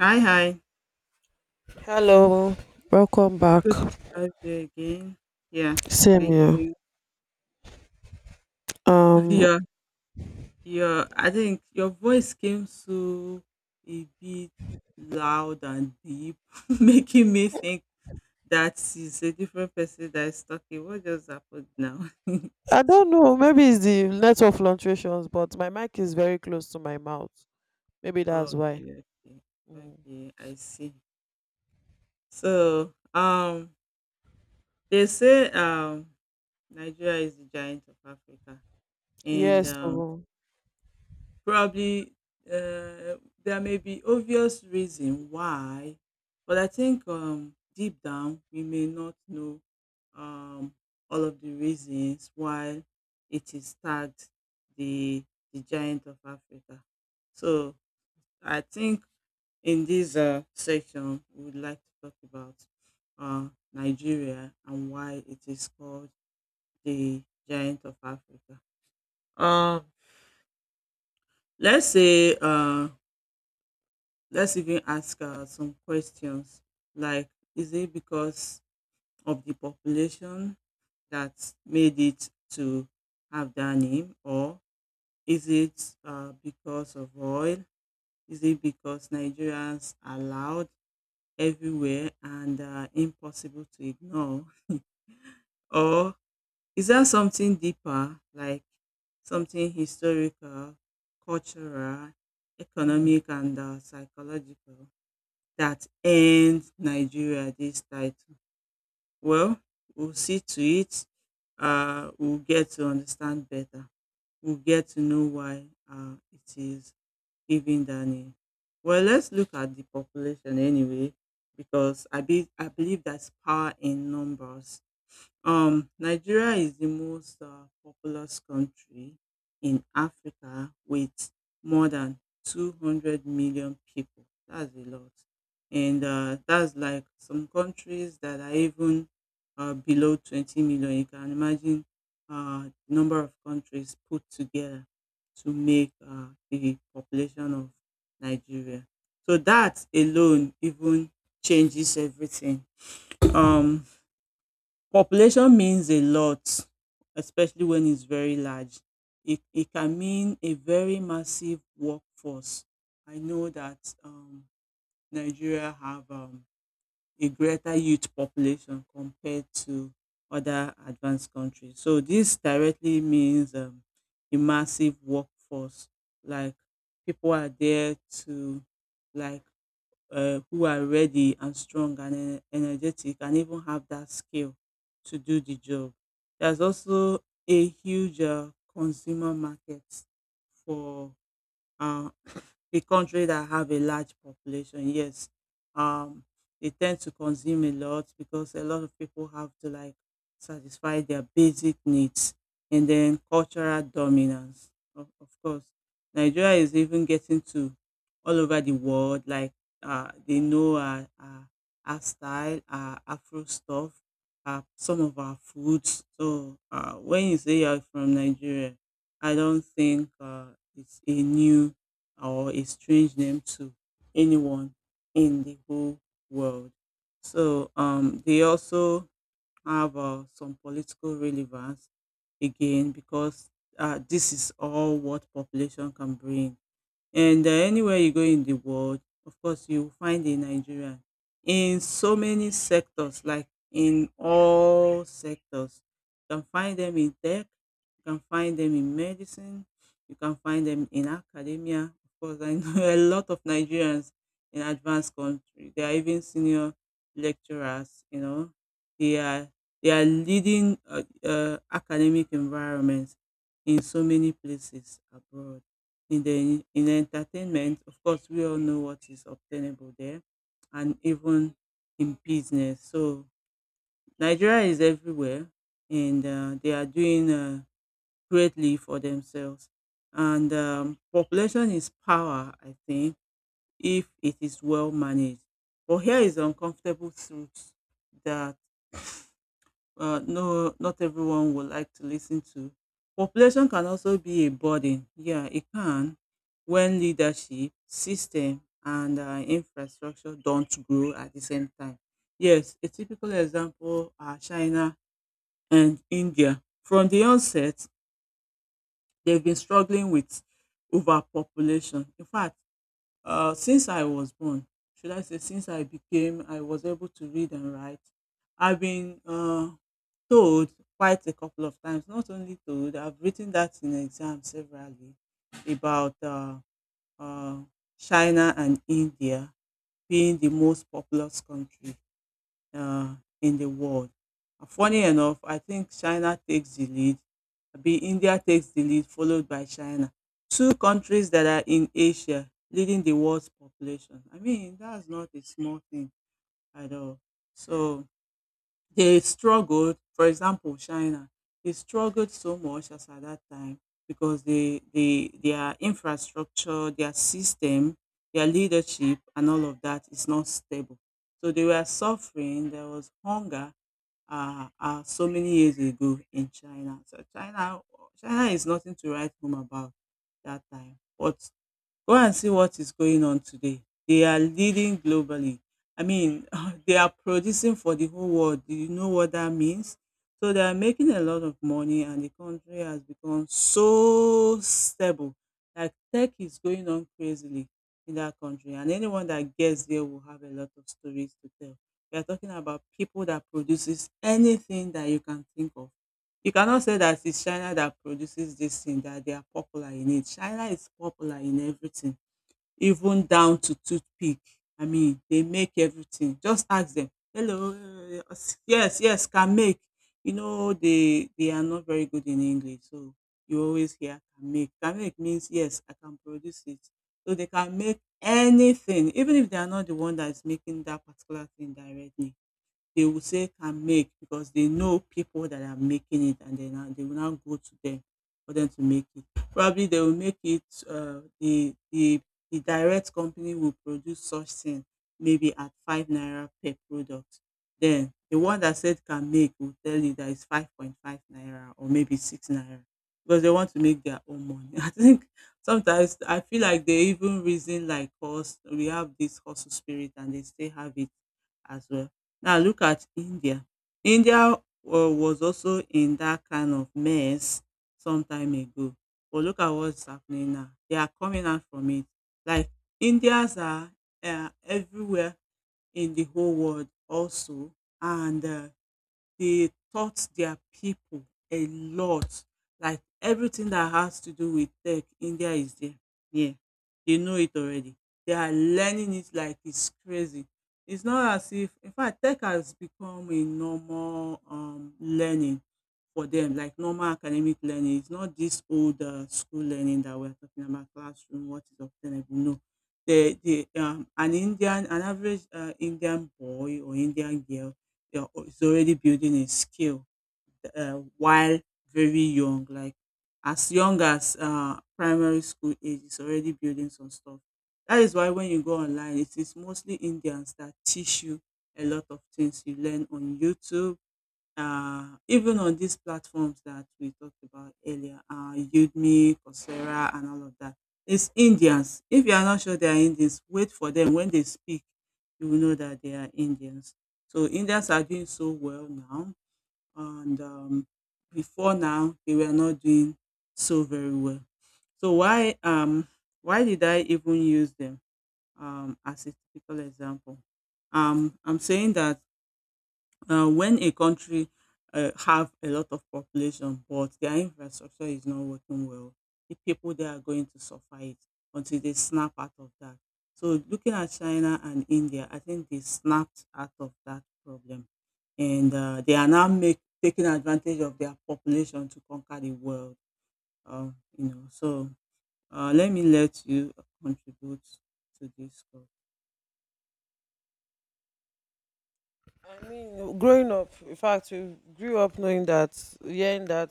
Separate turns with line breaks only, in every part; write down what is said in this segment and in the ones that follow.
Hi, hi.
Hello, welcome back.
Good to have you again. Yeah,
Same
thank
here.
you.
Um,
Yeah, yeah. I think your voice came so a bit loud and deep, making me think that is a different person that is talking. What just happened now?
I don't know. Maybe it's the network fluctuations, but my mic is very close to my mouth. Maybe that's why.
Okay, okay,
Mm.
okay. I see. So, they say Nigeria is the giant of Africa, and
Yes. So,
probably, there may be obvious reason why, but I think deep down we may not know um, all of the reasons why it is tagged the the giant of Africa. So I think in this section we would like to talk about Nigeria and why it is called the giant of Africa. Um, let's say uh, Let's even ask some questions, like is it because of the population that made it to have that name, or is it because of oil? Is it because Nigerians are loud everywhere and impossible to ignore? Or is there something deeper, like something historical, cultural, economic, and psychological, that end Nigeria this title? Well, we'll see to it. We'll get to understand better. We'll get to know why it is given that name. Well, let's look at the population anyway, because I believe that's power in numbers. Nigeria is the most populous country in Africa with more than 200 million people. That's a lot. And that's like some countries that are even below 20 million. You can imagine the number of countries put together to make the population of Nigeria. So that alone even changes everything. Um, Population means a lot, especially when it's very large. It can mean a very massive workforce. I know that um, Nigeria have a greater youth population compared to other advanced countries. So this directly means a massive workforce. Like people are there to, like, who are ready and strong and energetic and even have that skill to do the job. There's also a huge consumer market for uh, a country that have a large population, yes, um, they tend to consume a lot because a lot of people have to, like, satisfy their basic needs, and then cultural dominance. Of course, Nigeria is even getting to all over the world. Like, they know our style, our Afro stuff, some of our foods. So when you say you're from Nigeria, I don't think it's a new or a strange name to anyone in the whole world. So they also have some political relevance again because this is all what population can bring, and anywhere you go in the world, of course, you find a Nigerian in so many sectors, like in all sectors. You can find them in tech, you can find them in medicine, you can find them in academia. Of course, I know a lot of Nigerians in advanced country. They are even senior lecturers. They are they are leading academic environments in so many places abroad, in entertainment, of course, we all know what is obtainable there, and even in business. So Nigeria is everywhere, and they are doing greatly for themselves. And population is power, I think, if it is well managed. But here is uncomfortable truth that no, not everyone would like to listen to. Population can also be a burden. Yeah, it can, when leadership, system, and infrastructure don't grow at the same time. Yes, a typical example are China and India. From the onset, they've been struggling with overpopulation. In fact, since I was born, should I say, I was able to read and write, I've been told quite a couple of times. Not only told, I've written that in exam severally about uh, China and India being the most populous country uh, in the world. Funny enough, I think China takes the lead, be India takes the lead, followed by China. Two countries that are in Asia leading the world's population. I mean, that's not a small thing at all. So, they struggled, for example, China, they struggled so much as at that time because their infrastructure, their system, their leadership, and all of that is not stable. So they were suffering. There was hunger so many years ago in China. So China is nothing to write home about that time. But go and see what is going on today. They are leading globally. I mean, they are producing for the whole world. Do you know what that means? So they are making a lot of money, and the country has become so stable. Like tech is going on crazily in that country, and anyone that gets there will have a lot of stories to tell. We are talking about people that produces anything that you can think of. You cannot say that it's China that produces this thing that they are popular in it. China is popular in everything, even down to toothpick. I mean, they make everything. Just ask them, hello, yes, yes, can make. You know, they are not very good in English, so you always hear can make. Can make means yes, I can produce it. So they can make anything. Even if they are not the one that is making that particular thing directly, they will say can make because they know people that are making it, and they will now go to them for them to make it. Probably they will make it, the direct company will produce such thing maybe at five naira per product. Then the one that said can make will tell you that it's 5.5 naira, or maybe six naira, because they want to make their own money. I think sometimes I feel like they even reason like us. We have this hustle spirit, and they still have it as well. Now look at India. India was also in that kind of mess some time ago, but look at what's happening now. They are coming out from it. Like Indians are everywhere in the whole world also, and they taught their people a lot. Like everything that has to do with tech, India is there. Yeah, they know it already. They are learning it like it's crazy. It's not as if, in fact, tech has become a normal learning for them, like normal academic learning. It's not this old school learning that we're talking about, classroom, what is obtainable. No, the an Indian, an average Indian boy or Indian girl, is already building a skill while very young, like as young as primary school age, is already building some stuff. That is why when you go online, it is mostly Indians that teach you a lot of things. You learn on YouTube, even on these platforms that we talked about earlier, Udemy, Coursera, and all of that. It's Indians. If you are not sure they are Indians, wait for them. When they speak, you will know that they are Indians. So Indians are doing so well now, and before now they were not doing so very well. So why did I even use them as a typical example? I'm saying that now, when a country have a lot of population, but their infrastructure is not working well, the people there are going to suffer it until they snap out of that. So, looking at China and India, I think they snapped out of that problem, and they are now taking advantage of their population to conquer the world. So let me let you contribute to this.
I mean, growing up, in fact, we grew up knowing that, hearing that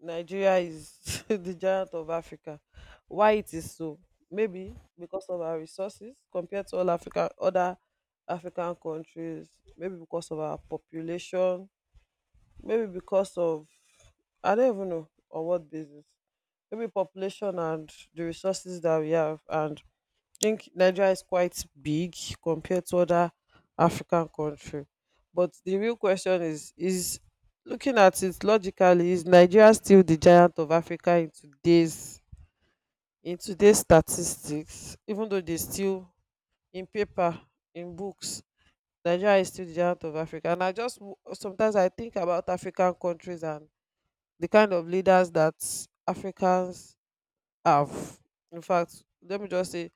Nigeria is the giant of Africa. Why it is so? Maybe because of our resources compared to all Africa, other African countries. Maybe because of our population, maybe because of, I don't even know on what basis. Maybe population and the resources that we have, and I think Nigeria is quite big compared to other African country. But the real question is: looking at it logically, is Nigeria still the giant of Africa in today's statistics? Even though they still in paper, in books, Nigeria is still the giant of Africa. And I just sometimes I think about African countries and the kind of leaders that Africans have. In fact, let me just say,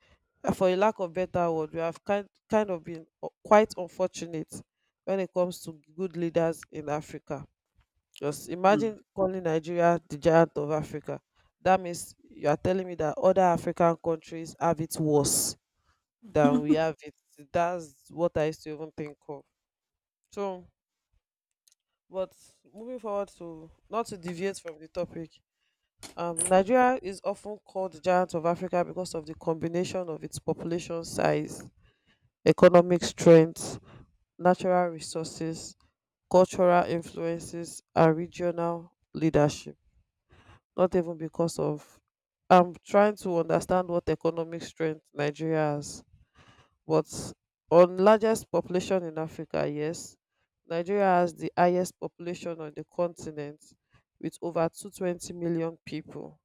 for a lack of better word, we have kind of been quite unfortunate when it comes to good leaders in Africa. Just
Hmm.
imagine calling Nigeria the giant of Africa. That means you are telling me that other African countries have it worse than we have it. That's what I used to even think of. So, but moving forward to not to deviate from the topic. Nigeria is often called the giant of Africa because of the combination of its population size, economic strength, natural resources, cultural influences, and regional leadership. Not even because of. I'm trying to understand what economic strength Nigeria has, but on largest population in Africa, yes, Nigeria has the highest population on the continent with over 220 million people,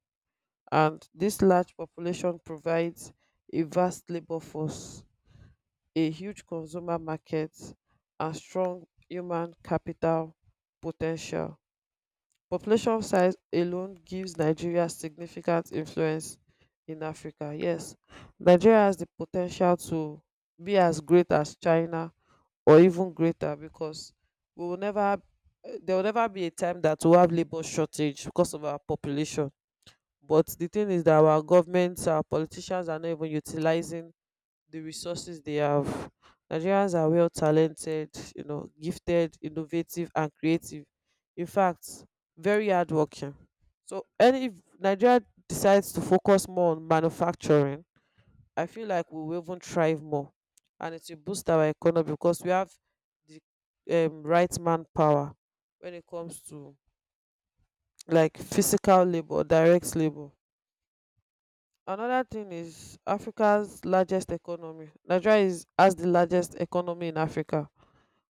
and this large population provides a vast labor force, a huge consumer market, and strong human capital potential. Population size alone gives Nigeria significant influence in Africa. Yes, Nigeria has the potential to be as great as China or even greater, because we will never there will never be a time that we'll have labor shortage because of our population. But the thing is that our governments, our politicians are not even utilizing the resources they have. Nigerians are well talented, gifted, innovative, and creative. In fact, very hardworking. So, any if Nigeria decides to focus more on manufacturing, I feel like we will even thrive more, and it will boost our economy because we have the, right manpower when it comes to like physical labor, direct labor. Another thing is Africa's largest economy. Nigeria is has the largest economy in Africa.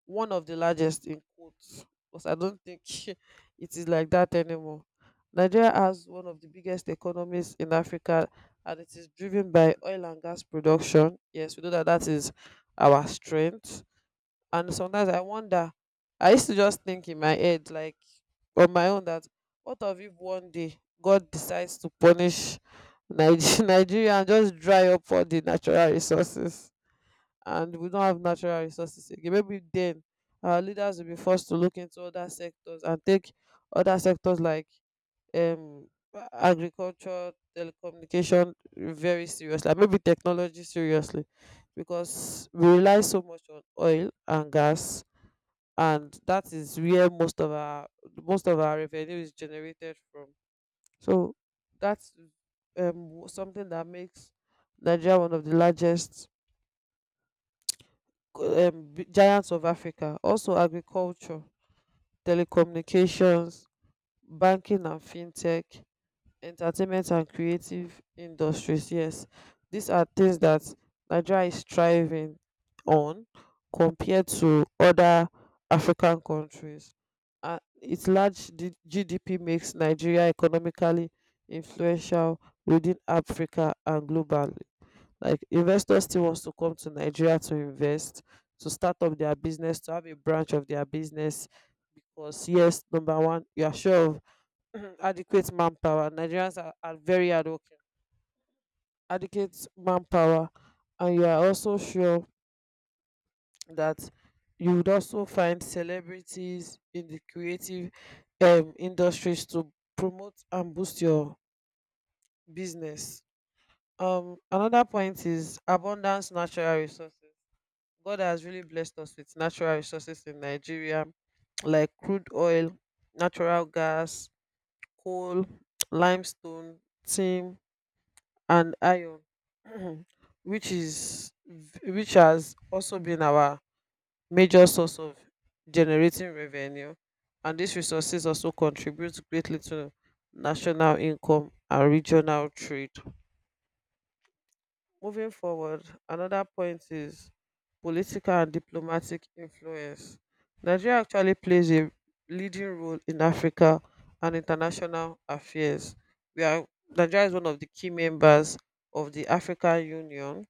One of the largest, in quotes. Because I don't think it is like that anymore. Nigeria has one of the biggest economies in Africa, and it is driven by oil and gas production. Yes, we know that that is our strength, and sometimes I used to just think in my head, like on my own, that what of if one day God decides to punish Nigeria and just dry up all the natural resources, and we don't have natural resources again? Maybe then our leaders will be forced to look into other sectors and take other sectors like, um agriculture, telecommunication very seriously, and maybe technology seriously, because we rely so much on oil and gas, and that is where most of our revenue is generated from. So that's, something that makes Nigeria one of the largest, giants of Africa. Also, agriculture, telecommunications, banking, and fintech, entertainment and creative industries. Yes, these are things that Nigeria is thriving on compared to other African countries. Its large GDP makes Nigeria economically influential within Africa and globally. Like investors still wants to come to Nigeria to invest, to start up their business, to have a branch of their business, because yes, number one, you are sure of, mhm, adequate manpower. Nigerians are, very hardworking. Adequate manpower, and you are also sure that you would also find celebrities in the creative, industries to promote and boost your business. Another point is abundance natural resources. God has really blessed us with natural resources in Nigeria, like crude oil, natural gas, coal, limestone, tin and iron which is which has also been our major source of generating revenue, and these resources also contribute greatly to national income and regional trade. Moving forward, another point is political and diplomatic influence. Nigeria actually plays a leading role in Africa and international affairs. We are Nigeria is one of the key members of the African Union,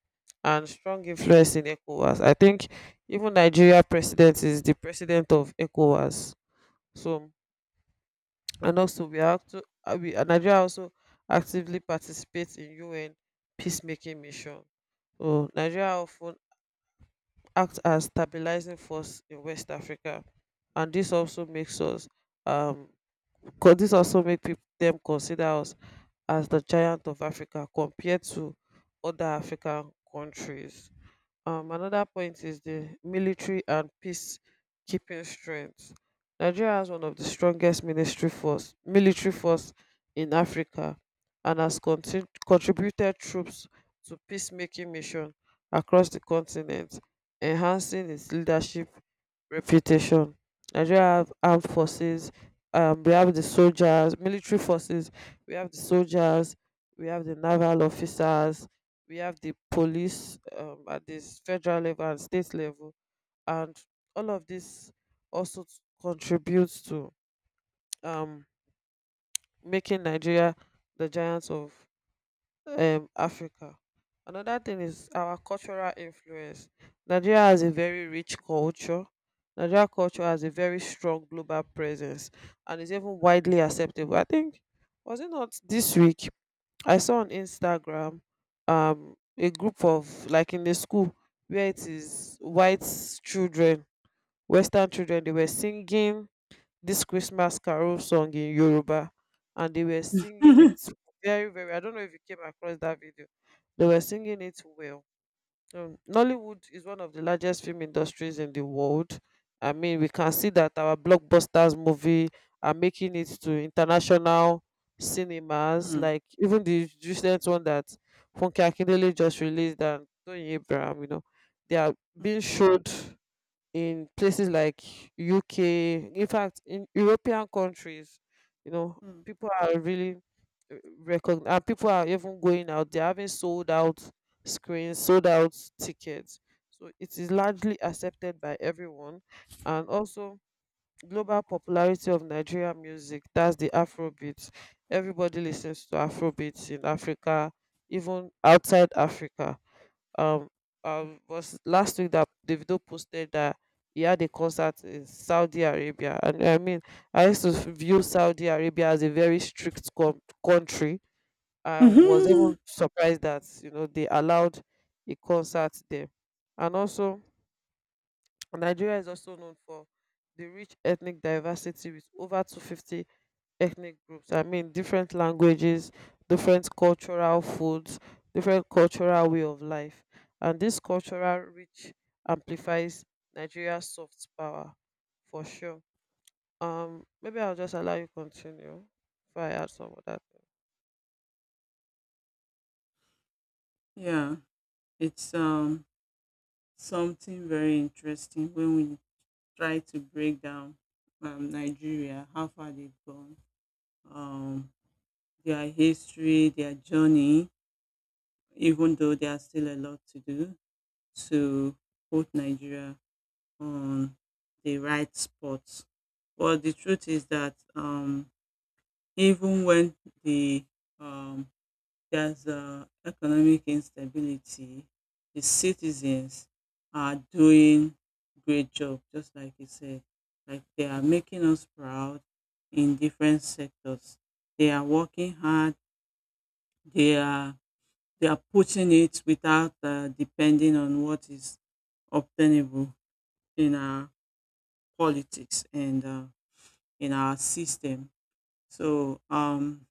and strong influence in ECOWAS. I think even Nigeria president is the president of ECOWAS. So, and also we are acto- we nigeria also actively participates in UN peacemaking mission. So Nigeria often acts as stabilizing force in West Africa, and this also um make people them consider us as the giant of Africa compared to other African countries. Another point is the military and peacekeeping strength. Nigeria has one of the strongest military force in Africa, and has contributed troops to peacemaking mission across the continent, enhancing its leadership reputation. Nigeria have armed forces. We have the soldiers, military forces. We have the soldiers. We have the naval officers. We have the police, at this federal level and state level. And all of this also contributes to, um, making Nigeria the giants of, Africa. Another thing is our cultural influence. Nigeria has a very rich culture. Nigeria culture has a very strong global presence and is even widely acceptable. I think, was it not this week I saw on Instagram, a group of like in the school where it is white children, Western children, they were singing this Christmas carol song in Yoruba, and they were singing it
Hmm.
very, very, I don't know if you came across that video. They were singing it well. Nollywood is one of the largest film industries in the world. I mean, we can see that our blockbusters movie are making it to international cinemas.
Hmm.
Like even the recent one that Funke Akindele just released and Tony Abraham, they are being showed in places like UK, in fact, in European countries.
Hmm.
People are really recognized, and people are even going out. They're having sold out screens, sold out tickets. So it is
Hmm.
largely accepted by everyone, and also global popularity of Nigeria music. That's the Afrobeat. Everybody listens to Afrobeats in Africa, even outside Africa. Um um was last week that Davido posted that he had a concert in Saudi Arabia, and I mean I used to view Saudi Arabia as a very strict country. I was
Hmm.
even surprised that, they allowed a concert there. And also Nigeria is also known for the rich ethnic diversity with over 250 ethnic groups. I mean, different languages, different cultural foods, different cultural way of life. And this cultural rich amplifies Nigeria's soft power for sure. Maybe I'll just allow you continue before I add some of that.
Yeah. It's something very interesting when we try to break down Nigeria, how far they've gone, um, their history, their journey, even though there's still a lot to do to put Nigeria on the right spot. But the truth is that even when the um, there's economic instability. The citizens are doing great job, just like you said. Like they are making us proud in different sectors. They are working hard. They are they are putting it without depending on what is obtainable in our politics and in our system. So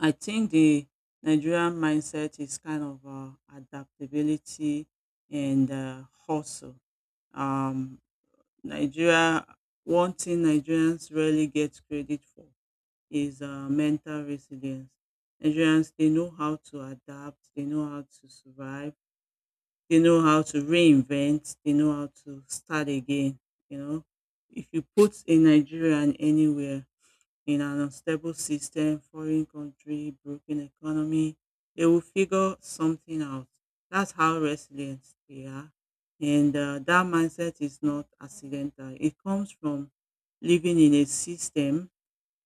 I think the Nigerian mindset is kind of adaptability and hustle. Um, Nigeria, one thing Nigerians rarely get credit for is mental resilience. Nigerians, they know how to adapt, they know how to survive, they know how to reinvent, they know how to start again. You know, if you put a Nigerian anywhere, in an unstable system, foreign country, broken economy, they will figure something out. That's how resilient they are. And that mindset is not accidental. It comes from living in a system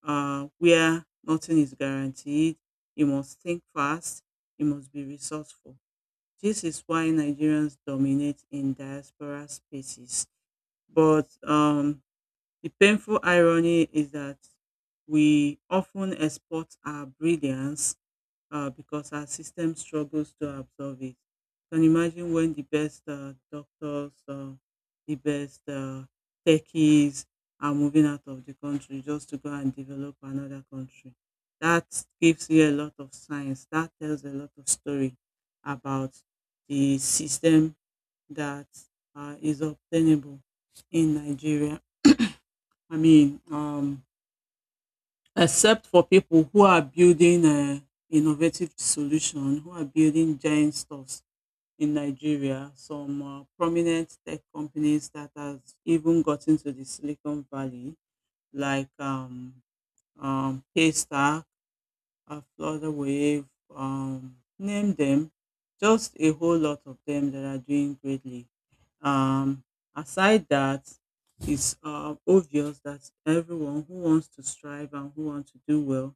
where nothing is guaranteed. You must think fast. You must be resourceful. This is why Nigerians dominate in diaspora spaces, but the painful irony is that we often export our brilliance because our system struggles to absorb it. Can you imagine when the best doctors, the best techies are moving out of the country just to go and develop another country? That gives you a lot of science. That tells a lot of story about the system that is obtainable in Nigeria. I mean, except for people who are building innovative solution, who are building giant stores in Nigeria, some prominent tech companies that has even gotten to the Silicon Valley, like Paystack, Flutterwave, name them, just a whole lot of them that are doing greatly. Um, aside that, it's obvious that everyone who wants to strive and who wants to do well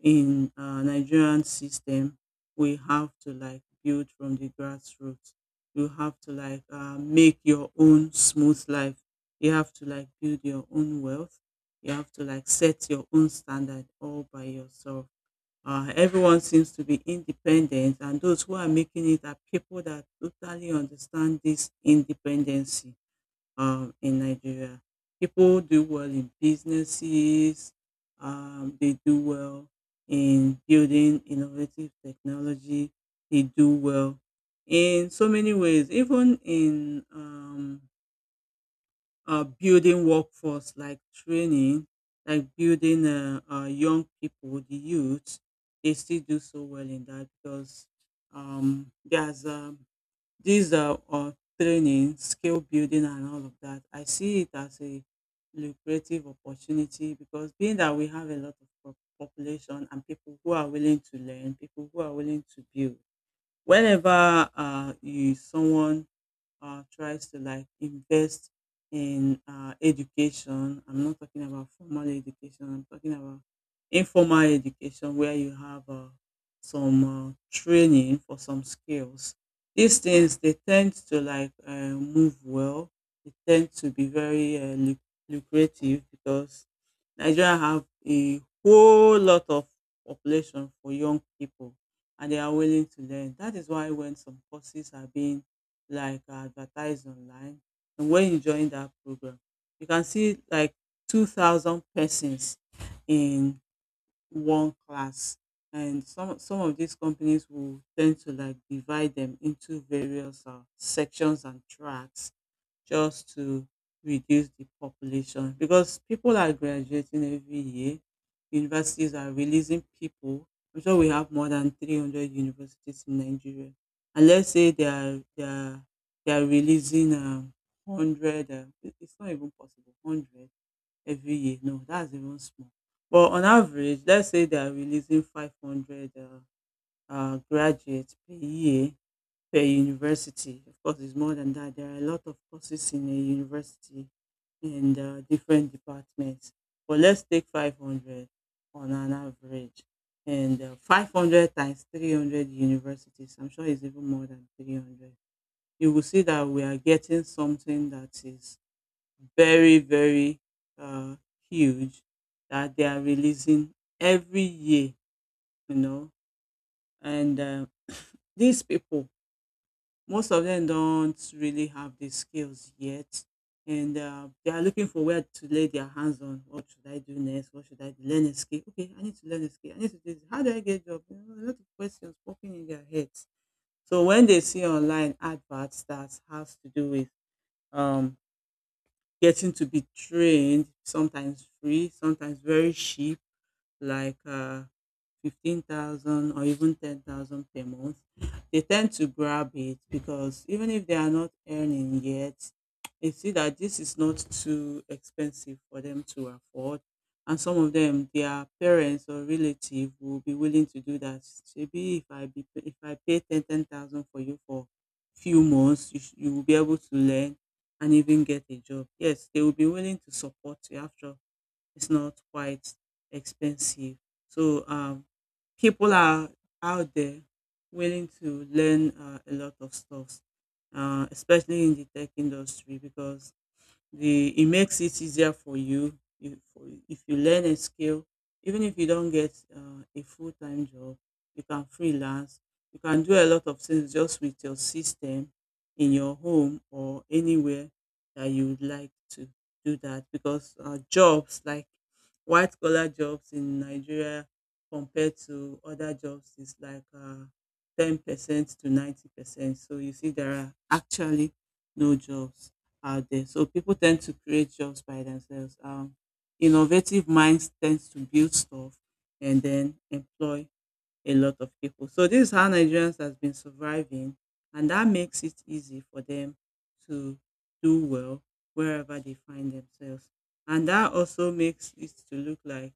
in Nigerian system, we have to like build from the grassroots. You have to like make your own smooth life. You have to like build your own wealth. You have to like set your own standard all by yourself. Everyone seems to be independent, and those who are making it are people that totally understand this independency in Nigeria. People do well in businesses. They do well in building innovative technology. They do well in so many ways, even in building workforce like training, like building young people, the youth. They still do so well in that because there's these training, skill building, and all of that. I see it as a lucrative opportunity because being that we have a lot of population and people who are willing to learn, people who are willing to build. Whenever you someone tries to like invest in education. I'm not talking about formal education. I'm talking about informal education where you have some training for some skills. These things they tend to like move well. They tend to be very lucrative because Nigeria have a whole lot of population for young people and they are willing to learn. That is why when some courses are being like advertised online. And when you join that program, you can see like 2,000 persons in one class. And some of these companies will tend to like divide them into various sections and tracks just to reduce the population because people are graduating every year. Universities are releasing people. I'm sure we have more than 300 universities in Nigeria. And let's say they are releasing 100. It's not even possible 100 every year. No, that's even small. But on average, let's say they are releasing 500 graduates per year per university. Of course, it's more than that. There are a lot of courses in a university and different departments. But let's take 500 on an average. And 500 times 300 universities, I'm sure it's even more than 300. You will see that we are getting something that is very, very uh, huge that they are releasing every year, you know. And these people. Most of them don't really have the skills yet, and they are looking for where to lay their hands on. What should I do next? What should I do? Learn a skill? Okay, I need to learn a skill. I need to do this. How do I get a job? You know, a lot of questions popping in their heads. So when they see online adverts that has to do with um, getting to be trained, sometimes free, sometimes very cheap like 15,000 or even 10,000 per month, they tend to grab it because even if they are not earning yet, they see that this is not too expensive for them to afford. And some of them, their parents or relative will be willing to do that. Maybe if I pay ten thousand for you for few months, you will be able to learn and even get a job. Yes, they will be willing to support you after. It's not quite expensive. So people are out there willing to learn a lot of stuff, especially in the tech industry because the it makes it easier for you if you learn a skill, even if you don't get a full-time job. You can freelance. You can do a lot of things just with your system in your home or anywhere that you would like to do that because jobs like white collar jobs in Nigeria compared to other jobs is like 10% to 90%. So you see there are actually no jobs out there. So people tend to create jobs by themselves. Innovative minds tend to build stuff and then employ a lot of people. So this is how Nigerians has been surviving, and that makes it easy for them to do well wherever they find themselves. And that also makes it to look like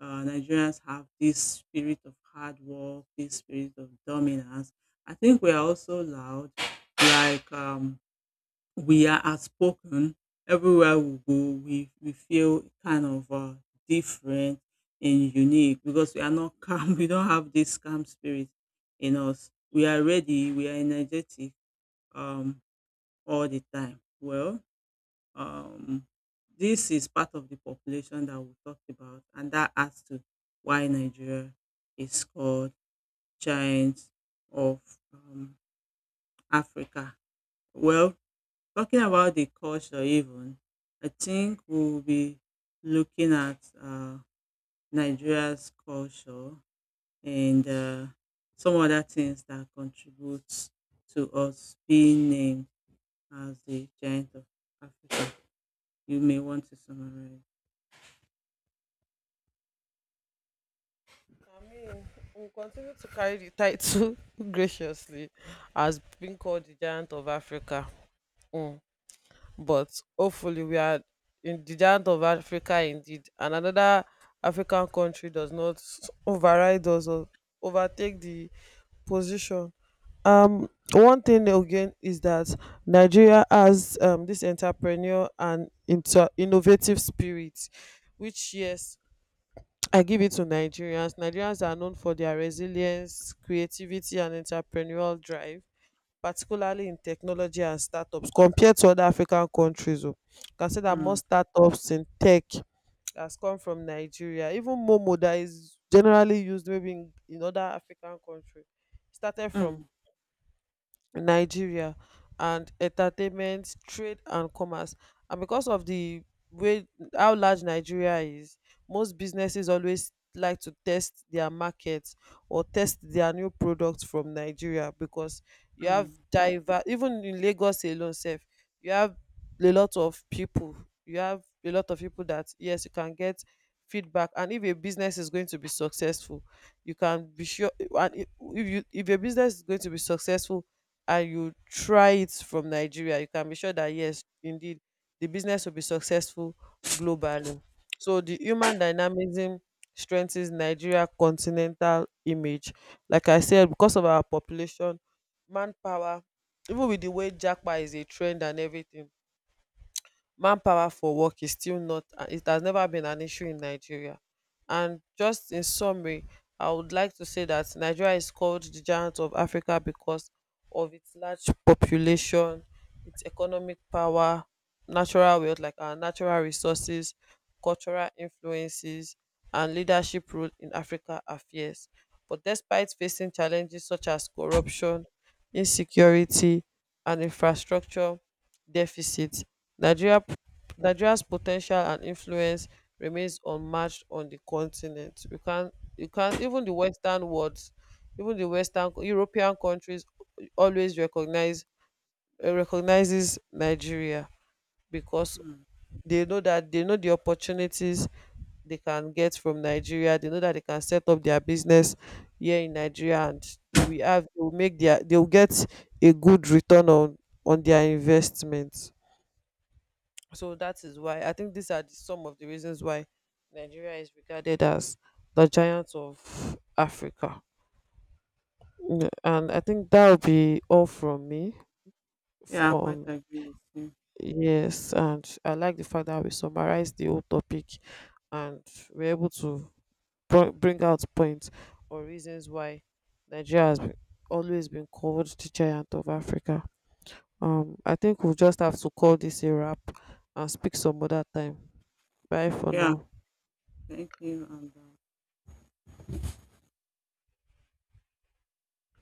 Nigerians have this spirit of hard work, this spirit of dominance. I think we are also loud, like we are outspoken. Everywhere we go, we feel kind of different and unique because we are not calm. We don't have this calm spirit in us. We are ready. We are energetic um, all the time. Well, um, this is part of the population that we talked about, and that adds to why Nigeria is called giant of um, Africa. Well, talking about the culture even, I think we'll be looking at Nigeria's culture and some other things that contribute to us being named as the giant of Africa. You may want to summarize.
I mean, we'll continue to carry the title graciously as being called the giant of Africa. Mm. But hopefully, we are in the giant of Africa indeed, and another African country does not override us or overtake the position. One thing again is that Nigeria has, this entrepreneur and innovative spirit, which yes, I give it to Nigerians. Nigerians are known for their resilience, creativity, and entrepreneurial drive, particularly in technology and startups, compared to other African countries. O can say that
Mm,
most startups in tech has come from Nigeria. Even momo that is generally used maybe in other African country started from
mm,
Nigeria, and entertainment, trade and commerce. And because of the way how large Nigeria is, most businesses always like to test their markets or test their new products from Nigeria, because you have
mm,
diver, even in Lagos alone sef, you have a lot of people you have a lot of people that yes, you can get feedback. And if a business is going to be successful, you can be sure. And if your business is going to be successful and you try it from Nigeria, you can be sure that yes, indeed, the business will be successful globally. So the human dynamism strengthens Nigeria continental image. Like I said, because of our population, manpower, even with the way Jackpot is a trend and everything, manpower for work is still not, it has never been an issue in Nigeria. And just in summary, I would like to say that Nigeria is called the giant of Africa because of its large population, its economic power, natural wealth like our natural resources, cultural influences, and leadership role in Africa affairs. But despite facing challenges such as corruption, insecurity, and infrastructure deficits, nigeria Nigeria's potential and influence remains unmatched on the continent. You can't, even the Western world, even the Western European countries always recognizes Nigeria, because
mm.
they know the opportunities they can get from Nigeria. They know that they can set up their business here in Nigeria, and they will have they will make their they will get a good return on their investment. So that is why I think these are some of the reasons why Nigeria is regarded as the giant of Africa. Mm. And I think that will be all from me. F-
Yeah, I quite
on
agree with you.
Yes. And I like the fact that we summarized the whole topic, and we're able to bring out points or reasons why Nigeria always been called the giant of Africa. I think we'll just have to call this a wrap and speak some other time. Bye for
Yeah,
now.
thank you. And,